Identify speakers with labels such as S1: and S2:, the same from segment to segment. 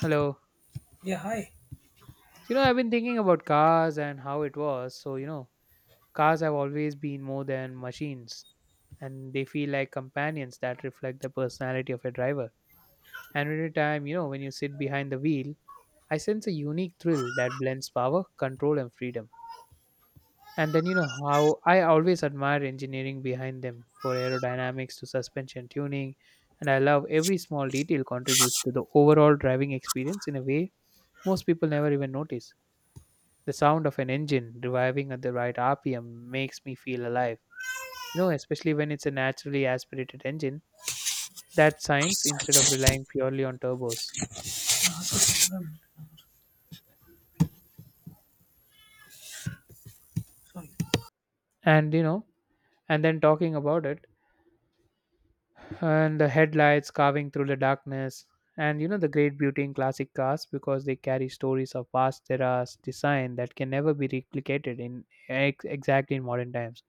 S1: Hello.
S2: Yeah, hi.
S1: I've been thinking about cars and how it was. Cars have always been more than machines and they feel like companions that reflect the personality of a driver. And every time, when you sit behind the wheel, I sense a unique thrill that blends power, control, and freedom. And then, how I always admire engineering behind them for aerodynamics to suspension tuning. And I love every small detail contributes to the overall driving experience in a way most people never even notice. The sound of an engine reviving at the right RPM makes me feel alive. You know, especially when it's a naturally aspirated engine, that science instead of relying purely on turbos.
S2: Um, Sorry.
S1: And you know, and then talking about it, and the headlights carving through the darkness, and the great beauty in classic cars because they carry stories of past eras design that can never be replicated in exactly in modern times.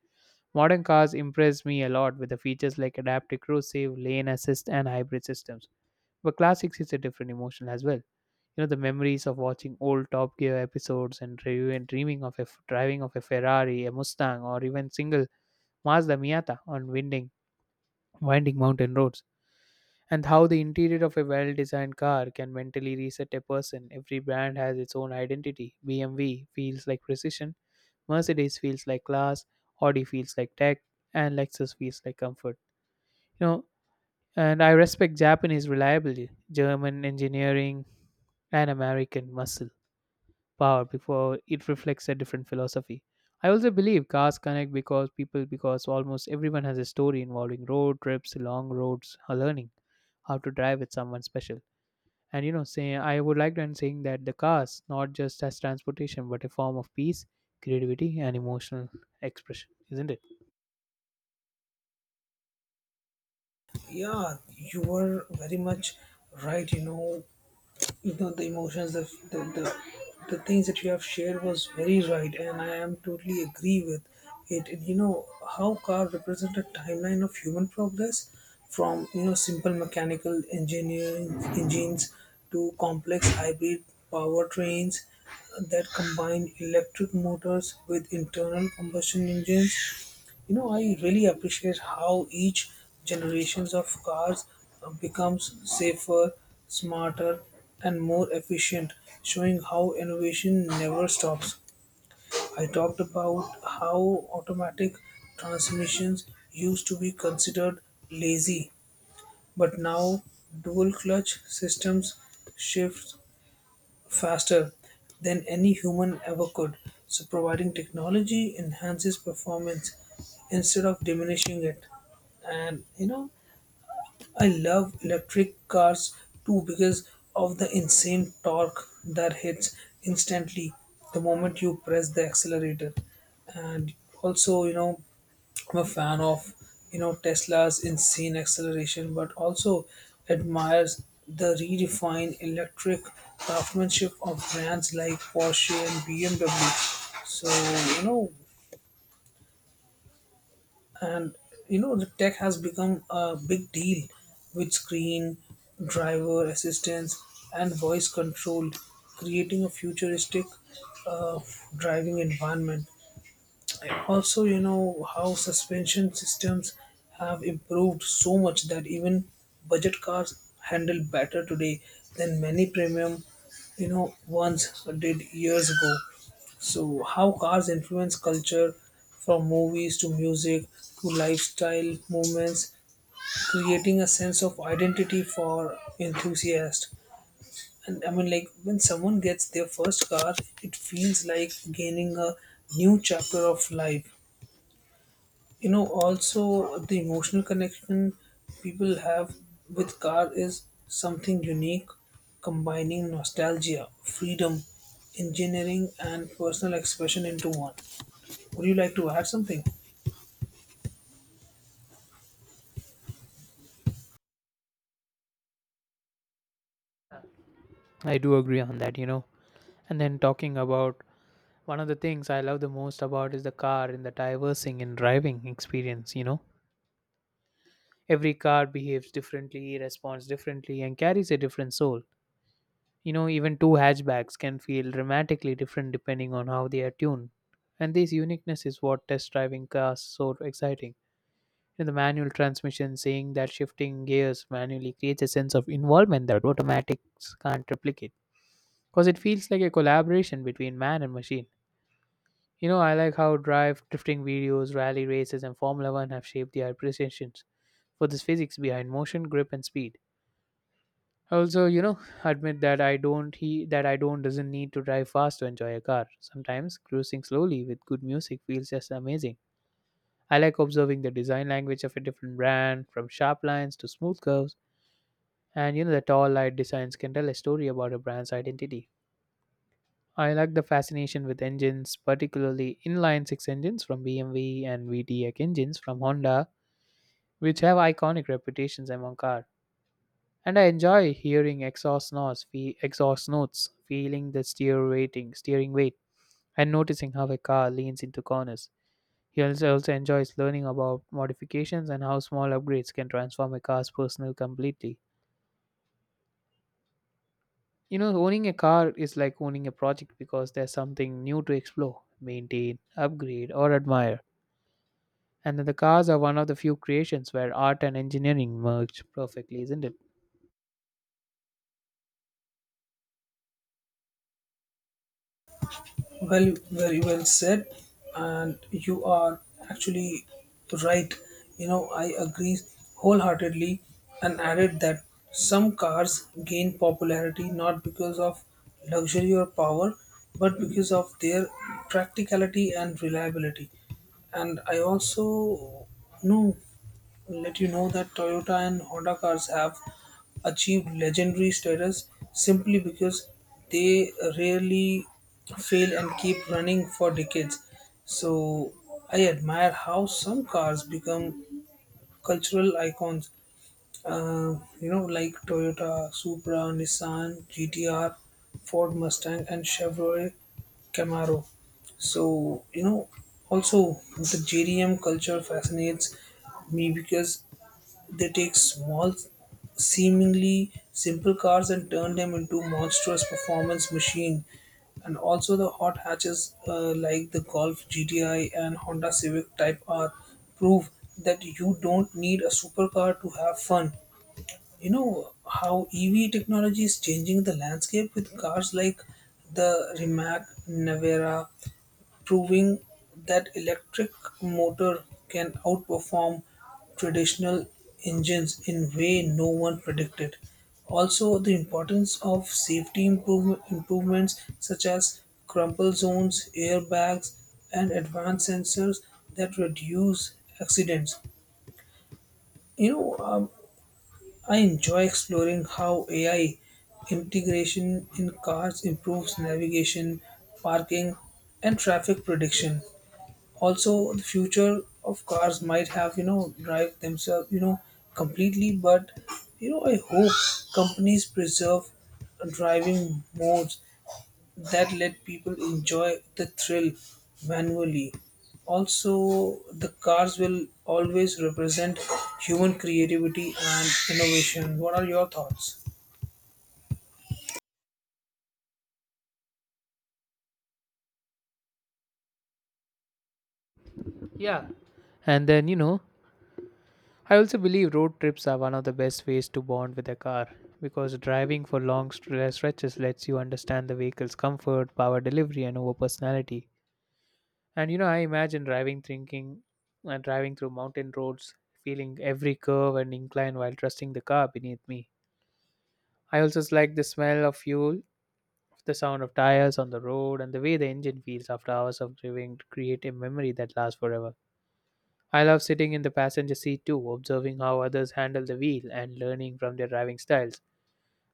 S1: Modern cars impress me a lot with the features like adaptive cruise, save, lane assist, and hybrid systems. But classics is a different emotion as well. You know, the memories of watching old Top Gear episodes and review and dreaming of a driving of a Ferrari, a Mustang, or even single Mazda Miata on winding mountain roads. And how the interior of a well designed car can mentally reset a person. Every brand has its own identity. BMW feels like precision, Mercedes feels like class, Audi feels like tech, and Lexus feels like comfort. You know, And I respect Japanese reliability, German engineering, and American muscle power before it reflects a different philosophy. I also believe cars connect because people, because almost everyone has a story involving road trips, long roads, or learning how to drive with someone special. And say I would like to end saying that the cars not just as transportation but a form of peace, creativity, and emotional expression, isn't it?
S2: Yeah, you were very much right. You know the emotions, the the the things that you have shared was very right, and I am totally agree with it. And you know how car represent a timeline of human progress from simple mechanical engineering engines to complex hybrid powertrains that combine electric motors with internal combustion engines. You know, I really appreciate how each generations of cars becomes safer, smarter, and more efficient, showing how innovation never stops. I talked about how automatic transmissions used to be considered lazy, but now dual clutch systems shifts faster than any human ever could. So, providing technology enhances performance instead of diminishing it. And you know, I love electric cars too because of the insane torque that hits instantly the moment you press the accelerator. And also, you know, I'm a fan of Tesla's insane acceleration, but also admires the redefined electric craftsmanship of brands like Porsche and BMW. So you know, and you know the tech has become a big deal with screen, driver assistance, and voice control, creating a futuristic uh, driving environment. Also, you know how suspension systems have improved so much that even budget cars handle better today than many premium ones did years ago. So how cars influence culture from movies to music to lifestyle movements, creating a sense of identity for enthusiasts. And I mean, like, when someone gets their first car, it feels like gaining a new chapter of life. You know, also the emotional connection people have with car is something unique, combining nostalgia, freedom, engineering, and personal expression into one. Would you like to add something?
S1: I do agree on that, you know. And then talking about one of the things I love the most about is the car and the diversing and driving experience, you know. Every car behaves differently, responds differently, and carries a different soul. You know, even two hatchbacks can feel dramatically different depending on how they are tuned. And this uniqueness is what test driving cars so exciting. In the manual transmission, saying that shifting gears manually creates a sense of involvement that automatics can't replicate. Because it feels like a collaboration between man and machine. You know, I like how drifting videos, rally races, and Formula One have shaped their appreciations for this physics behind motion, grip, and speed. Also, admit that I don't doesn't need to drive fast to enjoy a car. Sometimes cruising slowly with good music feels just amazing. I like observing the design language of a different brand, from sharp lines to smooth curves, and you know the tall light designs can tell a story about a brand's identity. I like the fascination with engines, particularly inline six engines from BMW and VTEC engines from Honda, which have iconic reputations among car. And I enjoy hearing exhaust notes, feeling the steering weight, and noticing how a car leans into corners. He also enjoys learning about modifications and how small upgrades can transform a car's personal completely. You know, owning a car is like owning a project because there's something new to explore, maintain, upgrade, or admire. And then the cars are one of the few creations where art and engineering merge perfectly, isn't it?
S2: Well, very well said, and you are actually right. You know, I agree wholeheartedly and added that some cars gain popularity not because of luxury or power, but because of their practicality and reliability. And I also know, let you know that Toyota and Honda cars have achieved legendary status simply because they rarely fail and keep running for decades. So I admire how some cars become cultural icons. You know, like Toyota, Supra, Nissan, GTR, Ford Mustang, and Chevrolet Camaro. So, you know, also the JDM culture fascinates me because they take small, seemingly simple cars and turn them into monstrous performance machine. And also the hot hatches, like the Golf GTI and Honda Civic Type R, prove that you don't need a supercar to have fun. You know how EV technology is changing the landscape with cars like the Rimac, Navera, proving that electric motor can outperform traditional engines in way no one predicted. Also, the importance of safety improvements such as crumple zones, airbags, and advanced sensors that reduce accidents. You know, um, I enjoy exploring how AI integration in cars improves navigation, parking, and traffic prediction. Also, the future of cars might have, drive themselves, completely, but you know I hope companies preserve driving modes that let people enjoy the thrill manually. Also, the cars will always represent human creativity and innovation. What are your thoughts?
S1: Yeah, and then, I also believe road trips are one of the best ways to bond with a car because driving for long stretches lets you understand the vehicle's comfort, power delivery, and over personality. And I imagine driving, thinking, and driving through mountain roads, feeling every curve and incline while trusting the car beneath me. I also like the smell of fuel. The sound of tires on the road and the way the engine feels after hours of driving create a memory that lasts forever. I love sitting in the passenger seat too, observing how others handle the wheel and learning from their driving styles.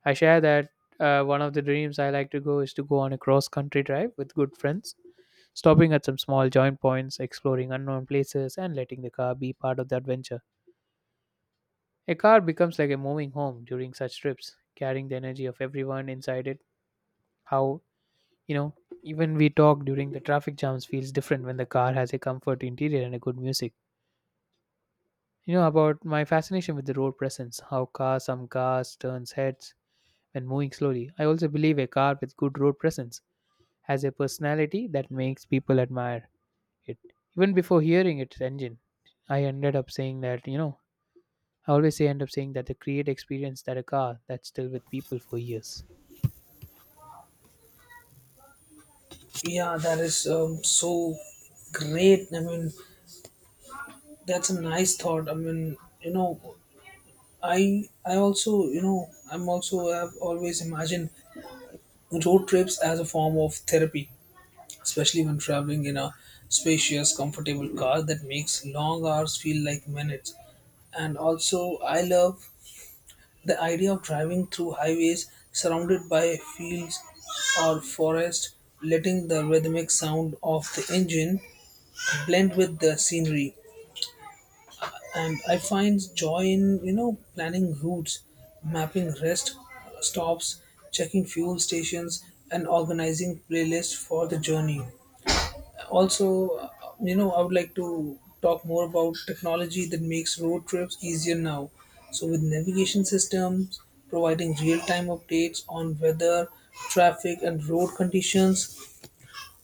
S1: I share that one of the dreams I like to go is to go on a cross country drive with good friends, stopping at some small joint points, exploring unknown places, and letting the car be part of the adventure. A car becomes like a moving home during such trips, carrying the energy of everyone inside it. How. You know, Even we talk during the traffic jams feels different when the car has a comfort interior and a good music. You know about my fascination with the road presence, how cars some cars turns heads when moving slowly. I also believe a car with good road presence has a personality that makes people admire it. Even before hearing its engine, I ended up saying that, I always say end up saying that the create experience that a car that's still with people for years.
S2: Yeah, that is so great. I mean, that's a nice thought. I mean, you know, I also, I'm also have always imagined road trips as a form of therapy, especially when traveling in a spacious, comfortable car that makes long hours feel like minutes. And also, I love the idea of driving through highways surrounded by fields or forest, letting the rhythmic sound of the engine blend with the scenery. And I find joy in, planning routes, mapping rest stops, checking fuel stations, and organizing playlists for the journey. Also, you know, I would like to talk more about technology that makes road trips easier now. So, with navigation systems providing real-time updates on weather, traffic, and road conditions.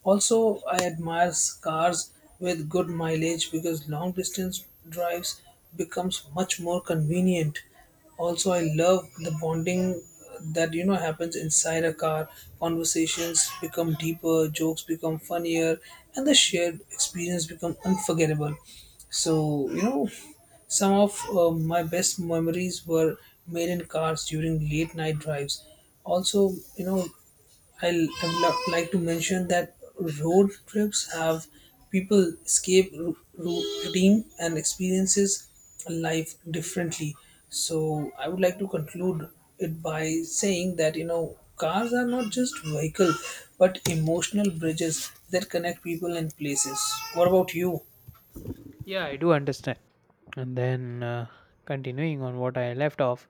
S2: Also, I admire cars with good mileage because long distance drives becomes much more convenient. Also, I love the bonding that you know happens inside a car. Conversations become deeper, jokes become funnier, and the shared experience become unforgettable. So, you know, some of my best memories were made in cars during late night drives. Also, you know, I would like to mention that road trips have people escape routine and experiences life differently. So I would like to conclude it by saying that you know cars are not just vehicle but emotional bridges that connect people and places. What about you?
S1: Yeah, I do understand. And then continuing on what I left off,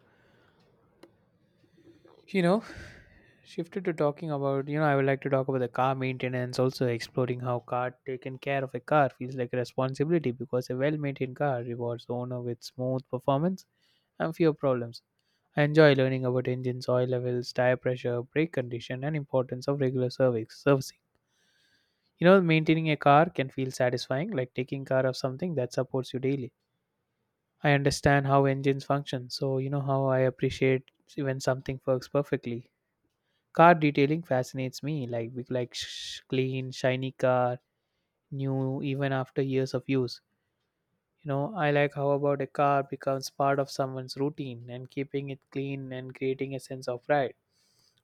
S1: you know, shifted to talking about I would like to talk about the car maintenance, also exploring how car taken care of a car feels like a responsibility because a well-maintained car rewards the owner with smooth performance and fewer problems. I enjoy learning about engines oil levels, tire pressure, brake condition, and importance of regular service servicing. Maintaining a car can feel satisfying, like taking care of something that supports you daily. I understand how engines function, so how I appreciate when something works perfectly. Car detailing fascinates me, like we like clean, shiny car, new even after years of use. You know, I like how about a car becomes part of someone's routine and keeping it clean and creating a sense of pride.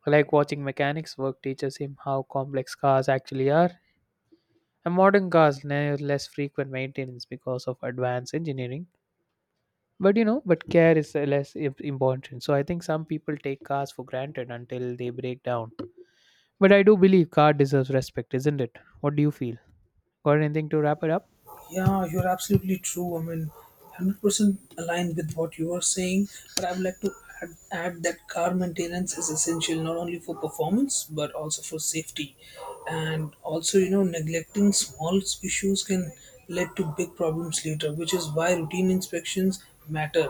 S1: I like watching mechanics work teaches him how complex cars actually are. And modern cars now less frequent maintenance because of advanced engineering. But but care is less important. So I think some people take cars for granted until they break down. But I do believe car deserves respect, isn't it? What do you feel? Got anything to wrap it up?
S2: Yeah, you're absolutely true. I mean, 100% aligned with what you are saying. But I would like to add that car maintenance is essential not only for performance but also for safety. And also, you know, neglecting small issues can lead to big problems later, which is why routine inspections matter.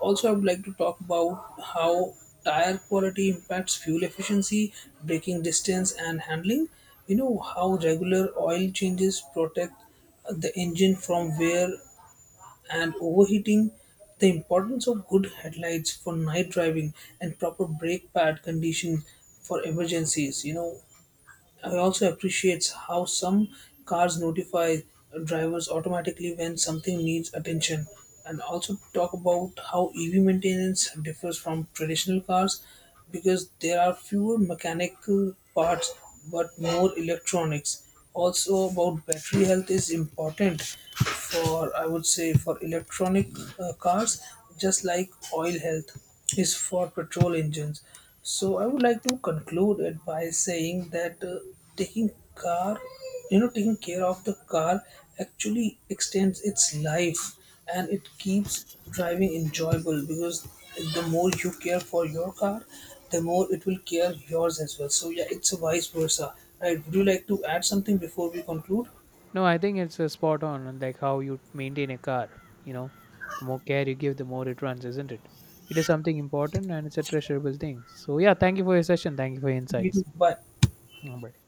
S2: Also, I would like to talk about how tire quality impacts fuel efficiency, braking distance, and handling. You know, how regular oil changes protect the engine from wear and overheating, the importance of good headlights for night driving, and proper brake pad conditions for emergencies. You know, I also appreciate how some cars notify drivers automatically when something needs attention. And also talk about how EV maintenance differs from traditional cars because there are fewer mechanical parts but more electronics. Also, about battery health is important for, I would say, for electronic cars, just like oil health is for petrol engines. So I would like to conclude it by saying that taking car, taking care of the car actually extends its life and it keeps driving enjoyable, because the more you care for your car, the more it will care yours as well. So yeah, it's a vice versa, right? Would you like to add something before we conclude?
S1: No, I think it's spot on, like how you maintain a car. You know, the more care you give, the more it runs, isn't it? It is something important and it's a treasurable thing. So, yeah, thank you for your session. Thank you for your
S2: You do.
S1: insights.
S2: Bye.
S1: Alright.